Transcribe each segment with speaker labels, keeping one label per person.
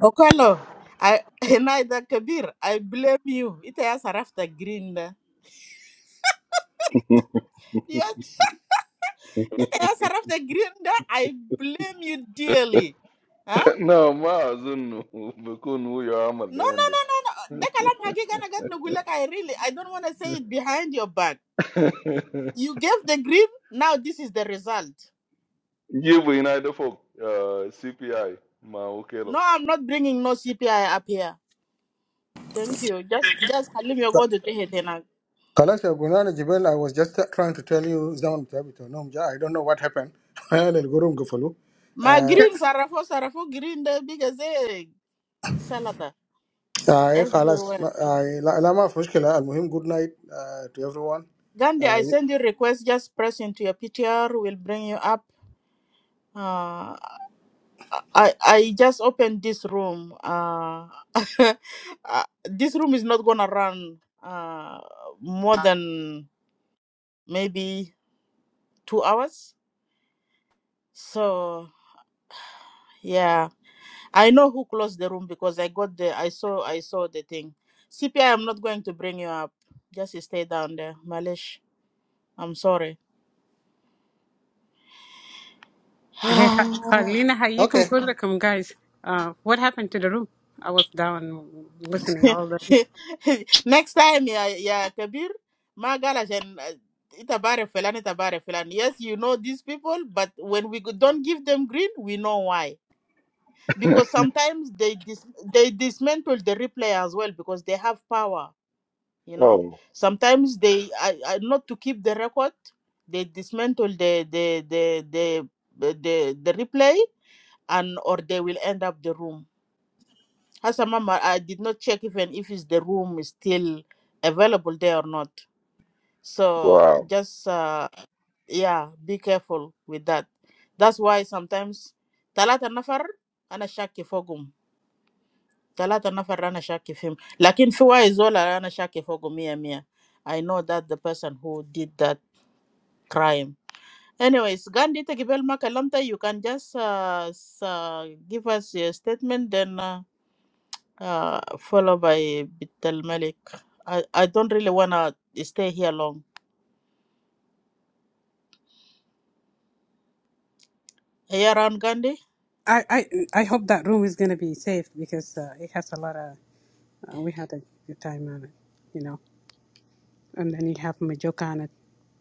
Speaker 1: Okolo, I Naida Kabir, I blame you. It has Rafta Grinda. Yes, it has Rafta Grinda. I blame you dearly. Huh?
Speaker 2: No, ma azunu, buku nuiya
Speaker 1: No, no,
Speaker 2: amalende.
Speaker 1: no, no, no. The kalam hagigana gat nugulak. I really, I don't want to say it behind your back. You gave the green. Now this is the result.
Speaker 2: Give me na ido folk CPI, ma okelo.
Speaker 1: No, I'm not bringing no CPI up here. Thank you. Just, just halim your go to tehetena.
Speaker 3: Kalasha, good night, Jibbel. I was just trying to tell you down the table. No, mja, I don't know what happened. I need to go run to follow.
Speaker 1: My
Speaker 3: Ah,
Speaker 1: green sarafo sarafo green the biggest egg salata
Speaker 3: ah, Kalas.
Speaker 1: everywhere.
Speaker 3: Ah, la maaf, mochila. Almuhim, good night uh, to everyone.
Speaker 1: Gandhi, I
Speaker 3: Ah,
Speaker 1: send you request. Just press into your PTR. We'll bring you up. Uh, I I just opened this room. Uh, uh, this room is not gonna run uh, more than maybe two hours. So yeah, I know who closed the room because I got the I saw I saw the thing. CPI, I'm not going to bring you up. Just stay down there, Malish. I'm sorry.
Speaker 4: Hey, Kha- Khalina, hayyikum
Speaker 3: okay.
Speaker 4: kullakum, guys. Uh, what happened to the room? I was down listening all day.
Speaker 1: next time yeah, yeah, kabir ma gala jen itabare felan itabare felan yes you know these people but when we go- don't give them green we know why because sometimes they dis- they dismantle the replay as well because they have power you know
Speaker 2: Oh,
Speaker 1: sometimes they are, are not to keep the record they dismantle the the the the the, the, the replay and or they will end up the room as a mama, I did not check even if is the room is still available there or not. So
Speaker 2: wow.
Speaker 1: just uh, yeah, be careful with that. That's why sometimes talata nafar ana shaki fogum. Talata nafar ana shaki fim. Lakin fiwa izola ana shaki fogum mia mia. I know that the person who did that crime. Anyways, Gandhi Tekibel Makalamta, you can just uh, s- uh, give us your statement then. Uh, uh, followed by Bitel Malik. I, I don't really want to stay here long. Are you around Gandhi?
Speaker 4: I, I, I hope that room is going to be safe because uh, it has a lot of. Uh, we had a good time on it, you know. And then you have Majoka on it.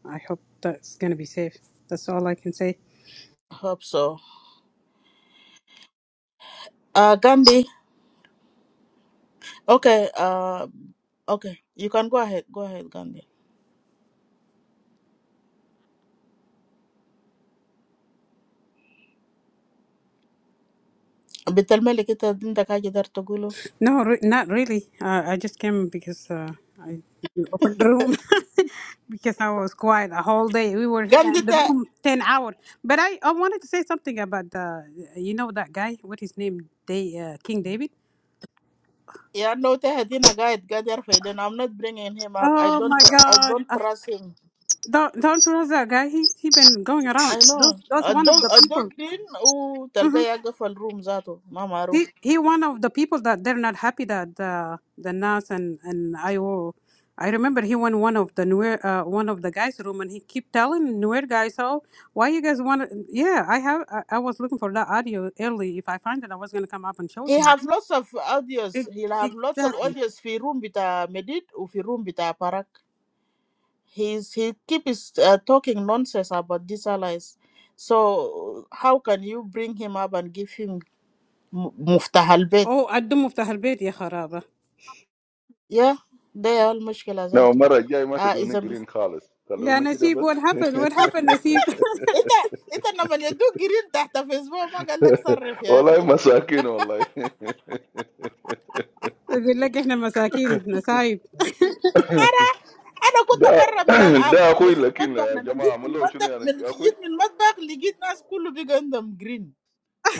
Speaker 4: I hope that's going to be safe. That's all I can say.
Speaker 1: Hope so. Uh, Gandhi, okay, uh, okay, you can go ahead. Go ahead, Gandhi. Bitel Malik, it didn't the guy there to Gulu.
Speaker 4: No, re- not really. Uh, I just came because uh, I you opened the room because I was quiet a whole day. We were here
Speaker 1: Gandhi,
Speaker 4: in the
Speaker 1: ta-
Speaker 4: room ten hours. But I, I wanted to say something about the you know that guy. What his name? Day uh, King David.
Speaker 1: yeah, no, te had a guide, guide there I'm not bringing him up. I
Speaker 4: Oh
Speaker 1: don't,
Speaker 4: my
Speaker 1: tr- I
Speaker 4: God!
Speaker 1: don't
Speaker 4: Uh,
Speaker 1: trust him.
Speaker 4: don't don't trust that guy. He he been going around.
Speaker 1: I
Speaker 4: Those
Speaker 1: know.
Speaker 4: that's
Speaker 1: A
Speaker 4: one of
Speaker 1: dog,
Speaker 4: the
Speaker 1: a dog
Speaker 4: people.
Speaker 1: green. Oh, talga
Speaker 4: Mm-hmm.
Speaker 1: yaga for room zato.
Speaker 4: he he one of the people that they're not happy that the the NAS and and I O. I remember he went one of the newer uh, one of the guys' room and he keep telling newer guys, "Oh, why you guys want?" to Yeah, I have. I, I was looking for that audio early. If I find it, I was gonna come up and show it
Speaker 1: He
Speaker 4: to him.
Speaker 1: have lots of audios.
Speaker 4: Ex-
Speaker 1: He have lots of
Speaker 4: Exactly.
Speaker 1: audios for room with a medit or for room with a parak. He's he keep is talking nonsense about these allies. So how can you bring him up and give him muftah albet?
Speaker 4: Oh, قدموا مفتاح البيت يا خرابة.
Speaker 1: Yeah, there are almost
Speaker 2: No,
Speaker 1: gazato.
Speaker 2: ma rajai ma to
Speaker 1: Ah,
Speaker 2: do
Speaker 1: is
Speaker 2: ni
Speaker 1: a.
Speaker 2: green colors. Salu
Speaker 4: يا
Speaker 2: ni
Speaker 4: نسيب
Speaker 2: kibab.
Speaker 4: what happened? What happened نسيب؟
Speaker 1: Ita ita namanya do green tahta Facebook magalag sa
Speaker 2: Allahy
Speaker 1: referee.
Speaker 2: ma sakino Allahy.
Speaker 4: يقول لك احنا مساكين
Speaker 1: Ara, ano ko
Speaker 2: Da
Speaker 1: taparraminal ab?
Speaker 2: da,
Speaker 1: Masun
Speaker 2: akuila
Speaker 1: madbag
Speaker 2: kila.
Speaker 1: na medit
Speaker 2: Jamaa, ma
Speaker 1: ni
Speaker 2: lo shuni
Speaker 1: madbag
Speaker 2: ya
Speaker 1: ni gid
Speaker 2: akuila.
Speaker 1: ni madbag ligid na schoolo biganda green.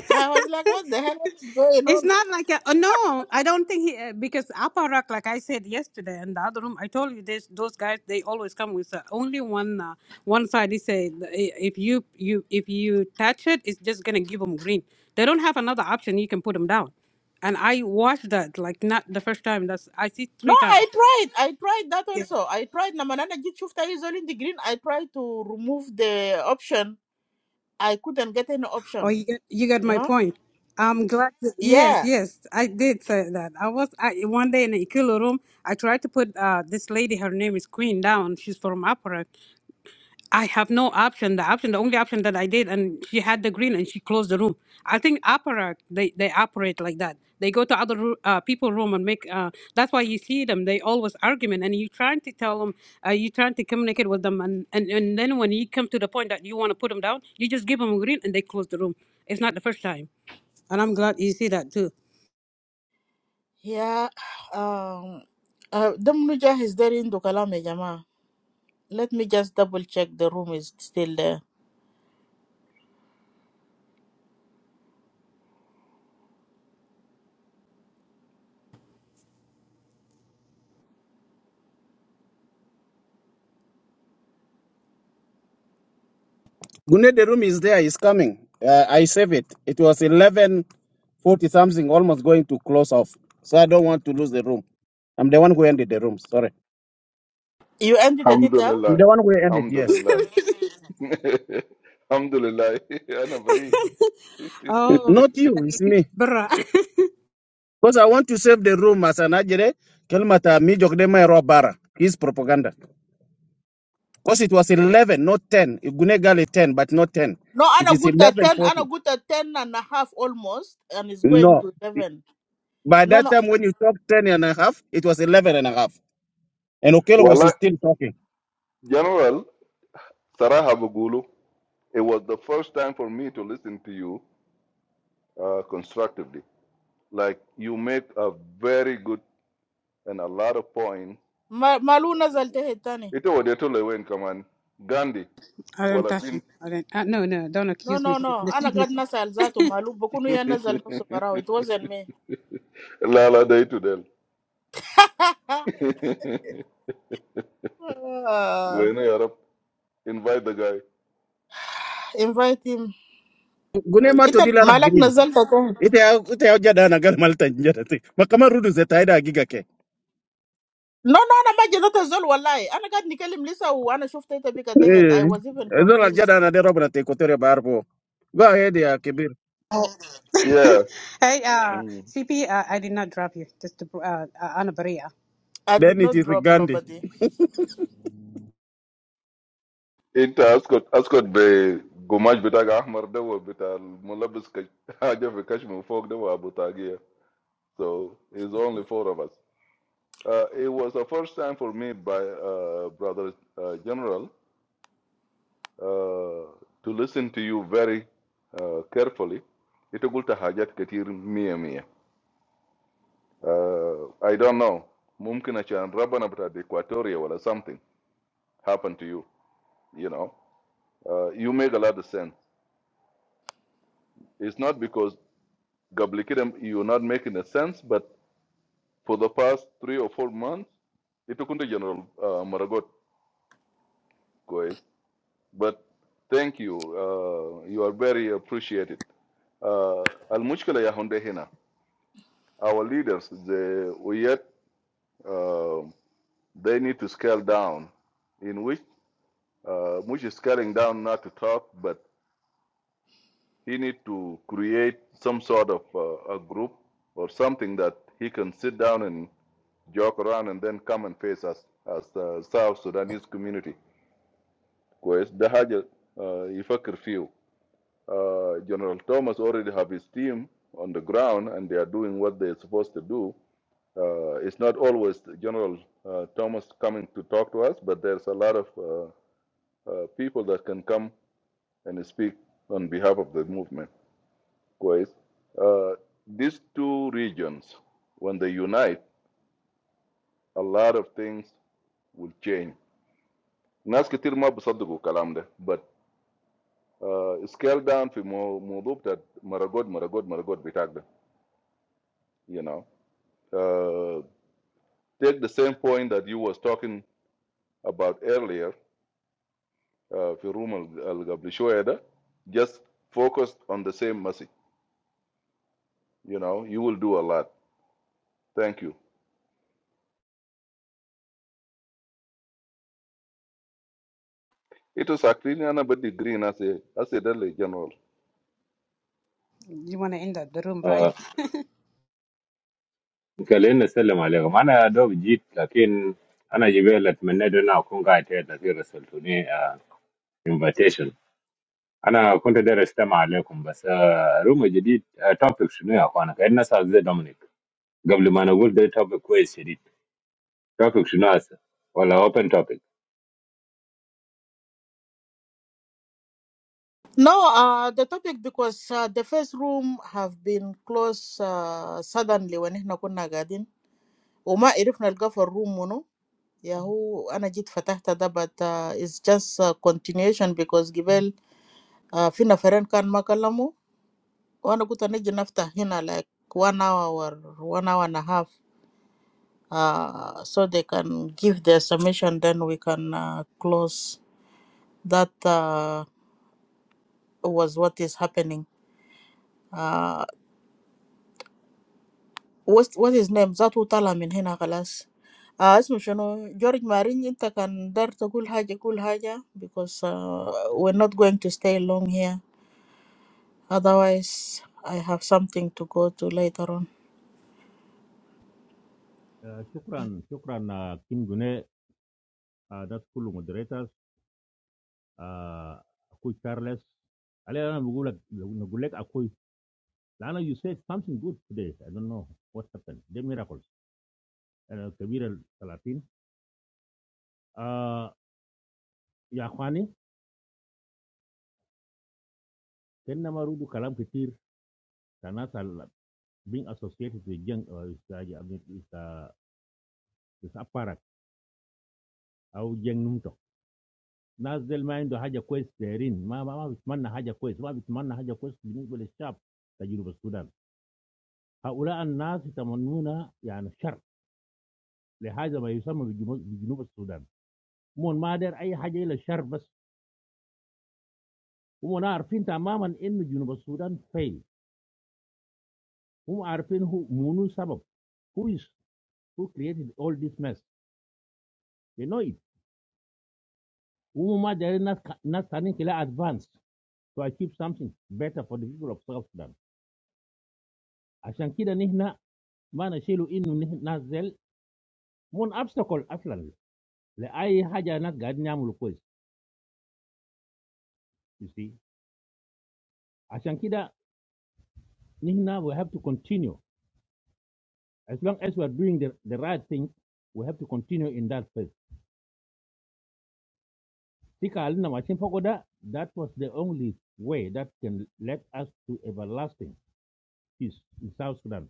Speaker 1: I was like, what the hell what is going
Speaker 4: It's
Speaker 1: on?
Speaker 4: not like a, uh, no, I don't think he uh, because Aparak, like I said yesterday in the other room, I told you this. Those guys, they always come with uh, only one uh, one side. They say uh, if you you if you touch it, it's just gonna give them green. They don't have another option. You can put them down. And I watched that like not the first time. That's I see
Speaker 1: No,
Speaker 4: three times.
Speaker 1: I tried. I tried that also. I tried. Namanana get Shufta is all in the green. I tried to remove the option. I couldn't get any
Speaker 4: Oh,
Speaker 1: option.
Speaker 4: you got you got
Speaker 1: You
Speaker 4: my
Speaker 1: know?
Speaker 4: point. I'm glad. that- yes,
Speaker 1: Yeah.
Speaker 4: yes, I did say that. I was I, one day in a Ikulu room. I tried to put uh, this lady. Her name is Queen down. She's from Aparak. I have no option. The option, the only option that I did, and she had the green, and she closed the room. I think opera they they operate like that. They go to other roo- uh, people room and make. Uh, that's why you see them. They always argument, and you trying to tell them, uh, you trying to communicate with them, and, and and then when you come to the point that you want to put them down, you just give them a green, and they close the room. It's not the first time, and I'm glad you see that too.
Speaker 1: Yeah. Um uh Damnuja is there in Dukalame Jama. Let me just double check the room is still there.
Speaker 5: Gune, the room is there. It's coming. Uh, I save it. It was eleven forty something, almost going to close off. So I don't want to lose the room. I'm the one who ended the room. Sorry.
Speaker 1: You ended the title?
Speaker 5: I'm
Speaker 2: Alhamdulillah,
Speaker 5: the one who ended. Yes.
Speaker 2: Alhamdulillah, Alhamdulillah. Ana bari.
Speaker 5: N-
Speaker 4: Oh,
Speaker 5: Not you.
Speaker 4: and
Speaker 5: It's
Speaker 4: Nasib
Speaker 5: me.
Speaker 4: Birra.
Speaker 5: Because I want to save the room as an ajere. Kelmata mi jokdema ero bara. His propaganda. Because it was eleven, not ten. Gune gali ten, but not ten.
Speaker 1: No,
Speaker 5: It
Speaker 1: Anna
Speaker 5: is
Speaker 1: good at
Speaker 5: eleven
Speaker 1: ten Anna
Speaker 5: forty.
Speaker 1: good at ten and a half almost and it's going
Speaker 5: No.
Speaker 1: to eleven.
Speaker 5: By
Speaker 1: No
Speaker 5: that
Speaker 1: no
Speaker 5: time, when you talked ten and a half, it was eleven and a half, and Okelo
Speaker 2: Well,
Speaker 5: was
Speaker 2: uh,
Speaker 5: still talking.
Speaker 2: General, Sarah Bagulu, it was the first time for me to listen to you uh, constructively. Like you make a very good and a lot of points.
Speaker 1: Ma Maluna Zaltehetani.
Speaker 2: Ito wadeto lewe in command. Gandhi,
Speaker 4: I don't
Speaker 2: wala
Speaker 4: touch him.
Speaker 2: bin
Speaker 4: I don't. Uh, no, no, don't
Speaker 1: No,
Speaker 4: accuse me.
Speaker 1: no, no. أنا
Speaker 4: Nasib,
Speaker 1: قاعد
Speaker 4: Nasib.
Speaker 1: نسأل ذاته مالو بكون يا نزل نفسه براو it wasn't me.
Speaker 2: lala day to del.
Speaker 1: آه،
Speaker 2: When I Arab invite the guy,
Speaker 1: invite him.
Speaker 5: gune
Speaker 2: I
Speaker 5: ma
Speaker 1: أنت
Speaker 5: to
Speaker 2: did.
Speaker 5: dila na
Speaker 1: مالك
Speaker 5: green
Speaker 1: نزلت تحت.
Speaker 5: ite ya ite ya jada na gal malta njada te. makama rudu zeta ida giga ke
Speaker 1: No, no, أنا ما جدت أزول والله. أنا قاعد نكلم لسه وأنا شفت أنت بك تحت. I
Speaker 5: eh
Speaker 1: was even
Speaker 5: ezola
Speaker 1: confused.
Speaker 5: jada na de robna te kotere barbo go ahead ya kibir
Speaker 2: Yeah.
Speaker 4: hey, uh,
Speaker 2: Mm.
Speaker 4: CP, uh, I did not drop you. Just to, uh, uh, Anna Maria.
Speaker 1: I did
Speaker 5: then it
Speaker 1: not
Speaker 5: is
Speaker 1: drop
Speaker 5: gandhi
Speaker 1: nobody.
Speaker 2: انت اسكت اسكت بقماش بتاعك احمر ده بتاع الملبس كش... حاجه في كشمي فوق ده ابو طاقيه so it's only four of us uh, it was the first time for me by uh, brother uh, general uh, to listen to you very uh, carefully انت قلت حاجات كتير مية مية uh, I don't know ممكن عشان ربنا بتاع الاكواتوريا or something happened to you you know uh, you make a lot of sense it's not because قبل كده you're not making a sense but for the past three or four months it انت كنت جنرال مراجوت كويس but thank you uh, you are very appreciated uh, المشكلة يا هوندي هنا our leaders they we yet uh, they need to scale down in which uh, which is scaling down not to talk but he need to create some sort of uh, a group or something that he can sit down and joke around and then come and face us as uh, South Sudanese community. Because the Haja Ifakir few. Uh, General Thomas already have his team on the ground and they are doing what they're supposed to do. Uh, it's not always General uh, Thomas coming to talk to us, but there's a lot of uh, uh, people that can come and speak on behalf of the movement. Kuwait. Uh, these two regions, when they unite, a lot of things will change. Nas كتير ما بيصدقوا الكلام ده but uh, scale down fi مو- موضوع بتاع مراقود maragod مراقود بتاعك ده you know uh, take the same point that you was talking about earlier uh, في روم اللي قبل شوية ده just focus on the same message you know you will do a lot thank you it was actually أنا بدي green as a as a general
Speaker 4: You want to end the, the room, right?
Speaker 6: Mkeli na selim aliyoko. Mana ado vijit, lakini ana jibele tume nayo na ukungai tete tafiri sultuni invitation. Ana ukunda dere sitema aliyoku mbasa room vijit. Topic sini yako ana kena sazi Dominic. Kabla mano kudi topic kwe sirit topic sini hata hola open topic.
Speaker 1: No, uh, the topic because uh, the first room have been closed uh, suddenly when إحنا كنا قاعدين وما عرفنا نلقى في الروم منو. يا هو أنا جيت فتحت ده but uh, it's just a continuation because قبل آه، في نفرين كان ما كلموا وانا قلت نجي نفتح هنا like one hour or one hour and a half uh, so they can give their submission then we can uh, close that uh, was what is happening uh, what, what is name ذاته طالع من هنا خلاص آه اسمه شنو جورج مارين انت كان دار تقول حاجة قول حاجة because uh, we're not going to stay long here otherwise I have something to go to later on
Speaker 7: Uh, shukran, shukran, uh, King Gune. Uh, that's cool moderators. Uh, Akui Charles. Alena Mugulak, Nagulek Akui. Lana, you said something good today. I don't know what happened. The miracles. Uh, Kabir Salatin. Uh, Yakwani, Ken Namarudu Kalam Kitir, Tanas al- being associated with Jeng, uh, is, uh, I mean, is, uh, is Aparak, au Jeng Numto. Nas del Mind the Haja Quest therein. Ma, ma, ma, bitmanna Haja Quest. Ma, bitmanna Haja Quest, Binibul Shab, Tajuruba Sudan. هؤلاء الناس يتمنون يعني الشر لهذا ما يسمى بجنوب السودان هم ما داير اي حاجه الا الشر بس هم عارفين تماما إنه جنوب السودان فين هم عارفين هو منو سبب who is who created all this mess they know it هم ما دايرين ناس ناس ثانيين كده advanced to achieve something better for the people of South Sudan عشان كده نحن ما نشيلوا انه نحن- ناس زل من obstacle اصلا لاي حاجه ناس قاعدين يعملوا كويس you see عشان كده نحن we have to continue As long as we are doing the, the right thing, we have to continue in that path. Tika alina machin pagoda, that was the only way that can lead us to everlasting peace in South Sudan.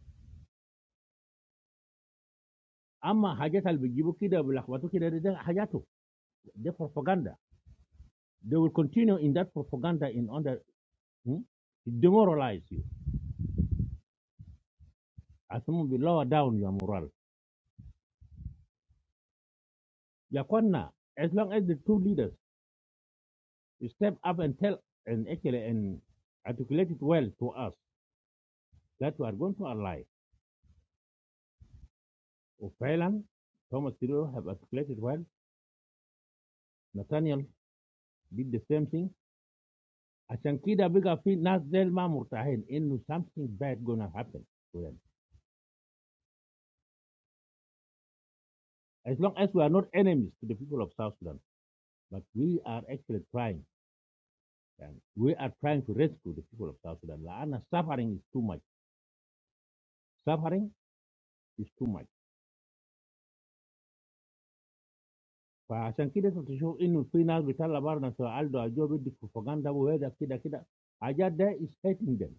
Speaker 7: Amma hajat al bijibu kida bilakhbatu kida da da hajatu, the propaganda. They will continue in that propaganda in order hmm, to demoralize you. As long as we lower down your morale. Yakwana, as long as the two leaders step up and tell and actually and articulate it well to us that we are going to ally وفعلا توماس تيرو have articulated well Nathaniel did the same thing عشان كده بقى في ناس ديل ما مرتاحين انه something bad gonna happen to them as long as we are not enemies to the people of South Sudan but we are actually trying and we are trying to rescue the people of South Sudan لأن suffering is too much suffering is too much فعشان كده انت تشوف انه في ناس بيطلع بره سؤال ده جو بدي بروباغندا وهذا كده كده حاجات ده is hating them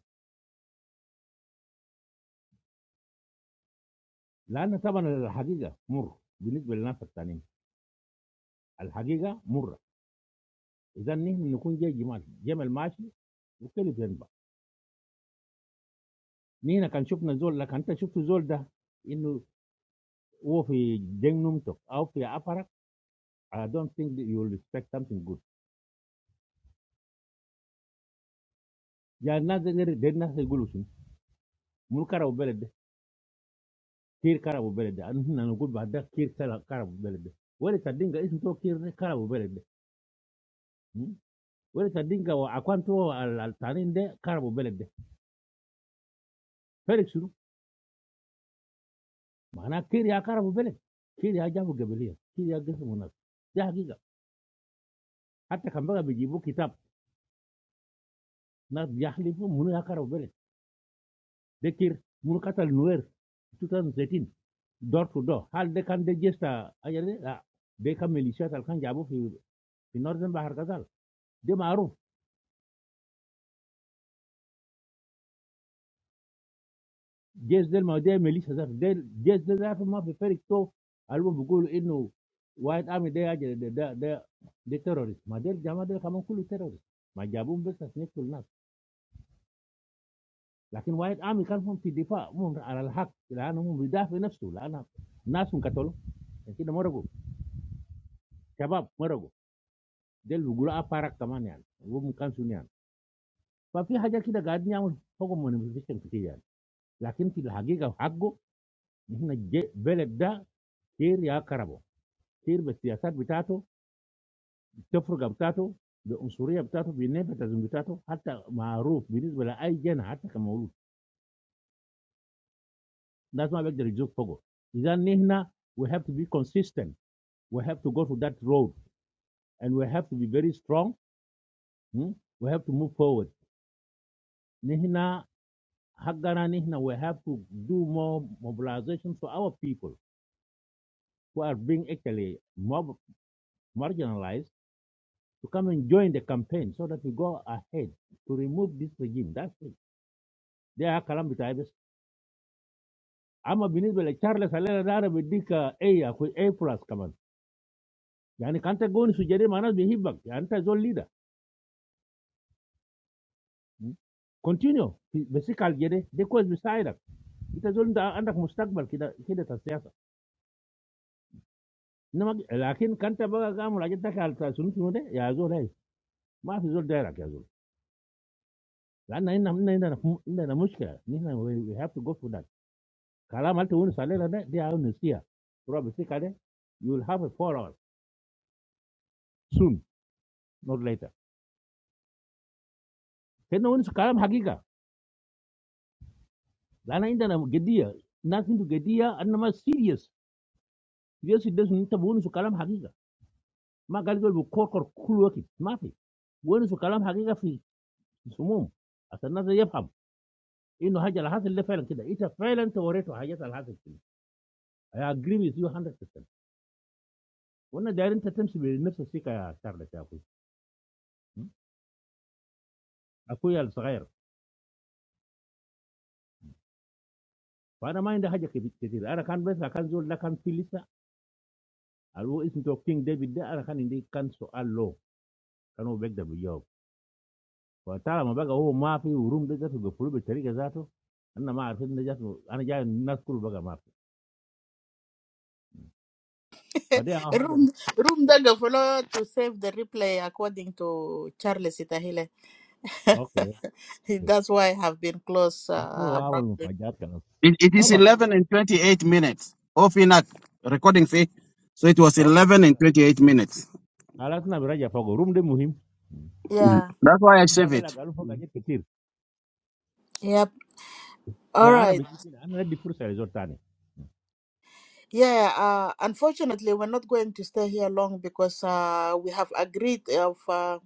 Speaker 7: لأن طبعا الحقيقة مر بالنسبة للناس التانيين Al Hajiga, Murra. If we are going to be beautiful, beautiful, we will be. We were watching the sunset. You saw the sunset. That he is in the jungle. Or in the park. I don't think that you will respect something good. There is another dangerous revolution. Murder and violence. Killing and violence. We are going to talk about killing and violence. What do you think? Is it killing and violence? What do you think? Or about the altar? Killing and violence. What do you think? We have killed and violence. We have killed and violence. Atakambo gabijibu kitab natyahli fu muri akarobere dekir mukata lunwer 2019 door to door hal dekan dejes ta ajere la deka militia talkan jabu fi fi norden bahar gazal de maaruf dejes del madiya militia del dejes del ma fi perik to albo bukulu inu wajat ami dey ajere de de de terrorist madiya jamada del kamon kulu terrorist majeabu mbessa snek tul nafs lakini wajat ami kamon fidifa muna alhak la ana mudaaf fi nafsul la ana nafsun katolo. Kita moro ko, sabab moro ko, dalu gula apa rak kaman niyan, wumukan sunyan. Tapi haja kita gad nyam, pogo manipulasi kang sikiyan. Lakitila hagi ka hago, nihina belada kira karabo, kira bstitiasat bintato, tefru bintato, bunsuri bintato, bine bintas bintato, hatta maruf bintis bela aygen hatta kamo. Dasman begde reduce pogo. Isan nihina we have to be consistent, we have to go through that road, and we have to be very strong. We have to move forward. Nihina. Hakgananihna, we have to do more mobilization for our people who are being actually mob- marginalized to come and join the campaign, so that we go ahead to remove this regime. That's it. There are calamities. Amo binisbele Charles Alexander Biddick Aya ku A for us, kaman. Yani kanta go ni sugere manas behibag yani ta zol leader. Continue, basicalgere. Diko is besideak. Ita zol nta andak mustakbar kita kita tasya ta. Namak. Lakini kanta baga kamulajeta khalta sunu sunu de ya zolai. Must go there, okay? So, now we have to go for that. If you want to go to the next day, they are not here. Problem is, you will have a four hours soon, not later. Can you go to the next day? Now, if you want to get there, nothing to get there. And now, it's serious. We have to go to the next day. Must go to the next day. Sorry, we have to go to the next day. In general, it's a failure. It's a failure to operate. I agree with you 100 percent. وانا داير انت تمشي بنفس الثقه يا شارلز يا اخوي م? اخويا الصغير فانا ما عندي حاجه كبي- كتير انا كان بس كان زول ده كان في لسه اللي هو اسمه تو كينج ديفيد ده انا كان عندي كان سؤال له كان هو بيقدر بيجاوب فطالما بقى هو ما في وروم ده ذاته بيقفلوه بالطريقه ذاته انا ما عرفت ان جات انا جاي الناس كله بقى ما في فدي اول حاجه
Speaker 1: room
Speaker 7: بس
Speaker 1: room daga follow to save the replay according to Charles Itahile.
Speaker 7: اوكي اوكي
Speaker 1: That's why I have been closed
Speaker 7: لكن هو
Speaker 1: uh,
Speaker 7: عمل
Speaker 1: abruptly.
Speaker 7: مفاجآت خلاص
Speaker 5: it, it
Speaker 7: ما
Speaker 5: is
Speaker 7: بطل
Speaker 5: 11
Speaker 7: بقى.
Speaker 5: and 28 minutes off in inak recording fee so it was
Speaker 7: اوكي
Speaker 5: 11 and
Speaker 7: خلاص
Speaker 5: 28 minutes
Speaker 7: خلصنا براجع فوق روم ده مهم
Speaker 5: Mhm.
Speaker 1: Yeah.
Speaker 5: that's why i
Speaker 7: روم ده
Speaker 5: save
Speaker 7: انا
Speaker 5: it
Speaker 7: قالوا فوق حاجات كتير
Speaker 1: Yep. All
Speaker 7: يا انا
Speaker 1: right.
Speaker 7: بجي كده انا ادي فرصه لزول تاني
Speaker 1: Yeah. Uh, unfortunately, we're not going to stay here long because uh, we have agreed of uh,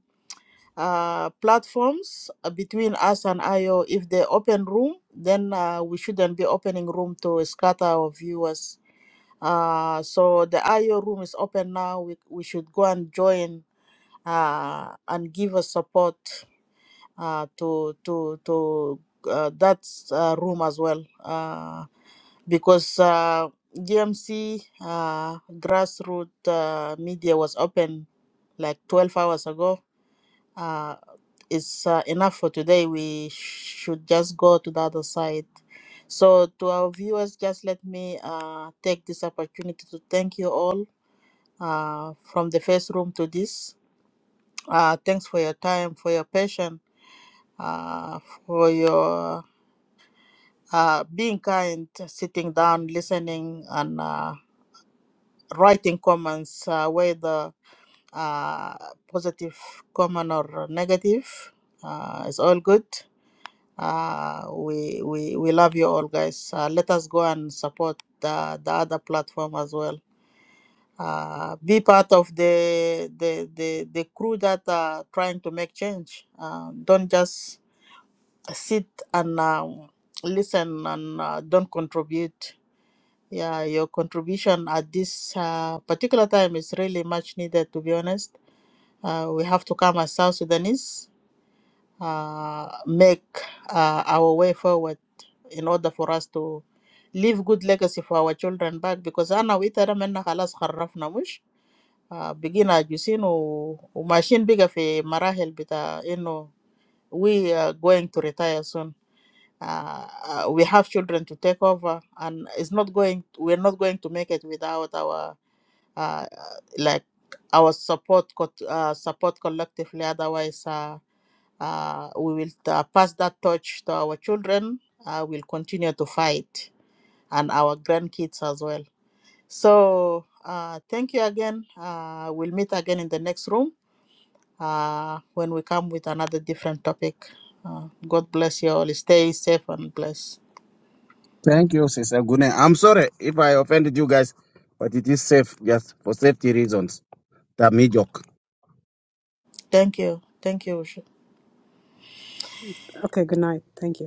Speaker 1: uh, platforms uh, between us and IO. If they open room, then uh, we shouldn't be opening room to scatter our viewers. Uh, so the IO room is open now. We we should go and join uh, and give us support uh, to to to uh, that uh, room as well uh, because uh, GMC uh, grassroots uh, media was open like 12 hours ago. Uh, it's uh, enough for today. We should just go to the other side. So, to our viewers, just let me uh, take this opportunity to thank you all uh, from the first room to this. Uh, thanks for your time, for your patience uh, for your uh, being kind, sitting down, listening, and uh, writing comments, uh, whether uh, positive comment or negative. Uh, it's all good. Uh, we, we, we love you all, guys. Uh, let us go and support the, the other platform as well. Uh, be part of the the, the, the crew that are trying to make change. Uh, don't just sit and um, listen and uh, don't contribute. Yeah, your contribution at this uh, particular time is really much needed, to be honest. Uh, we have to come as South Sudanese, uh, make uh, our way forward in order for us to leave good legacy for our children back because أنا وإنت ده منا خلاص خرفنا مش آه، بقينا عجوزين و- وماشيين بقى في مراحل بتاع إنه we are going to retire soon uh, uh, we have children to take over and it's not going we're not going to make it without our uh, uh, like our support co- uh, support collectively otherwise uh, uh, we will uh, pass that torch to our children uh, we'll continue to fight and our grandkids as well so uh, thank you again uh, we'll meet again in the next room uh, when we come with another different topic uh, god bless you all stay safe and blessed
Speaker 5: thank you sister gune i'm sorry if i offended you guys but it is safe just for safety reasons tamijok
Speaker 1: Thank you. Thank you, Usha.
Speaker 4: Okay, good night. Thank you.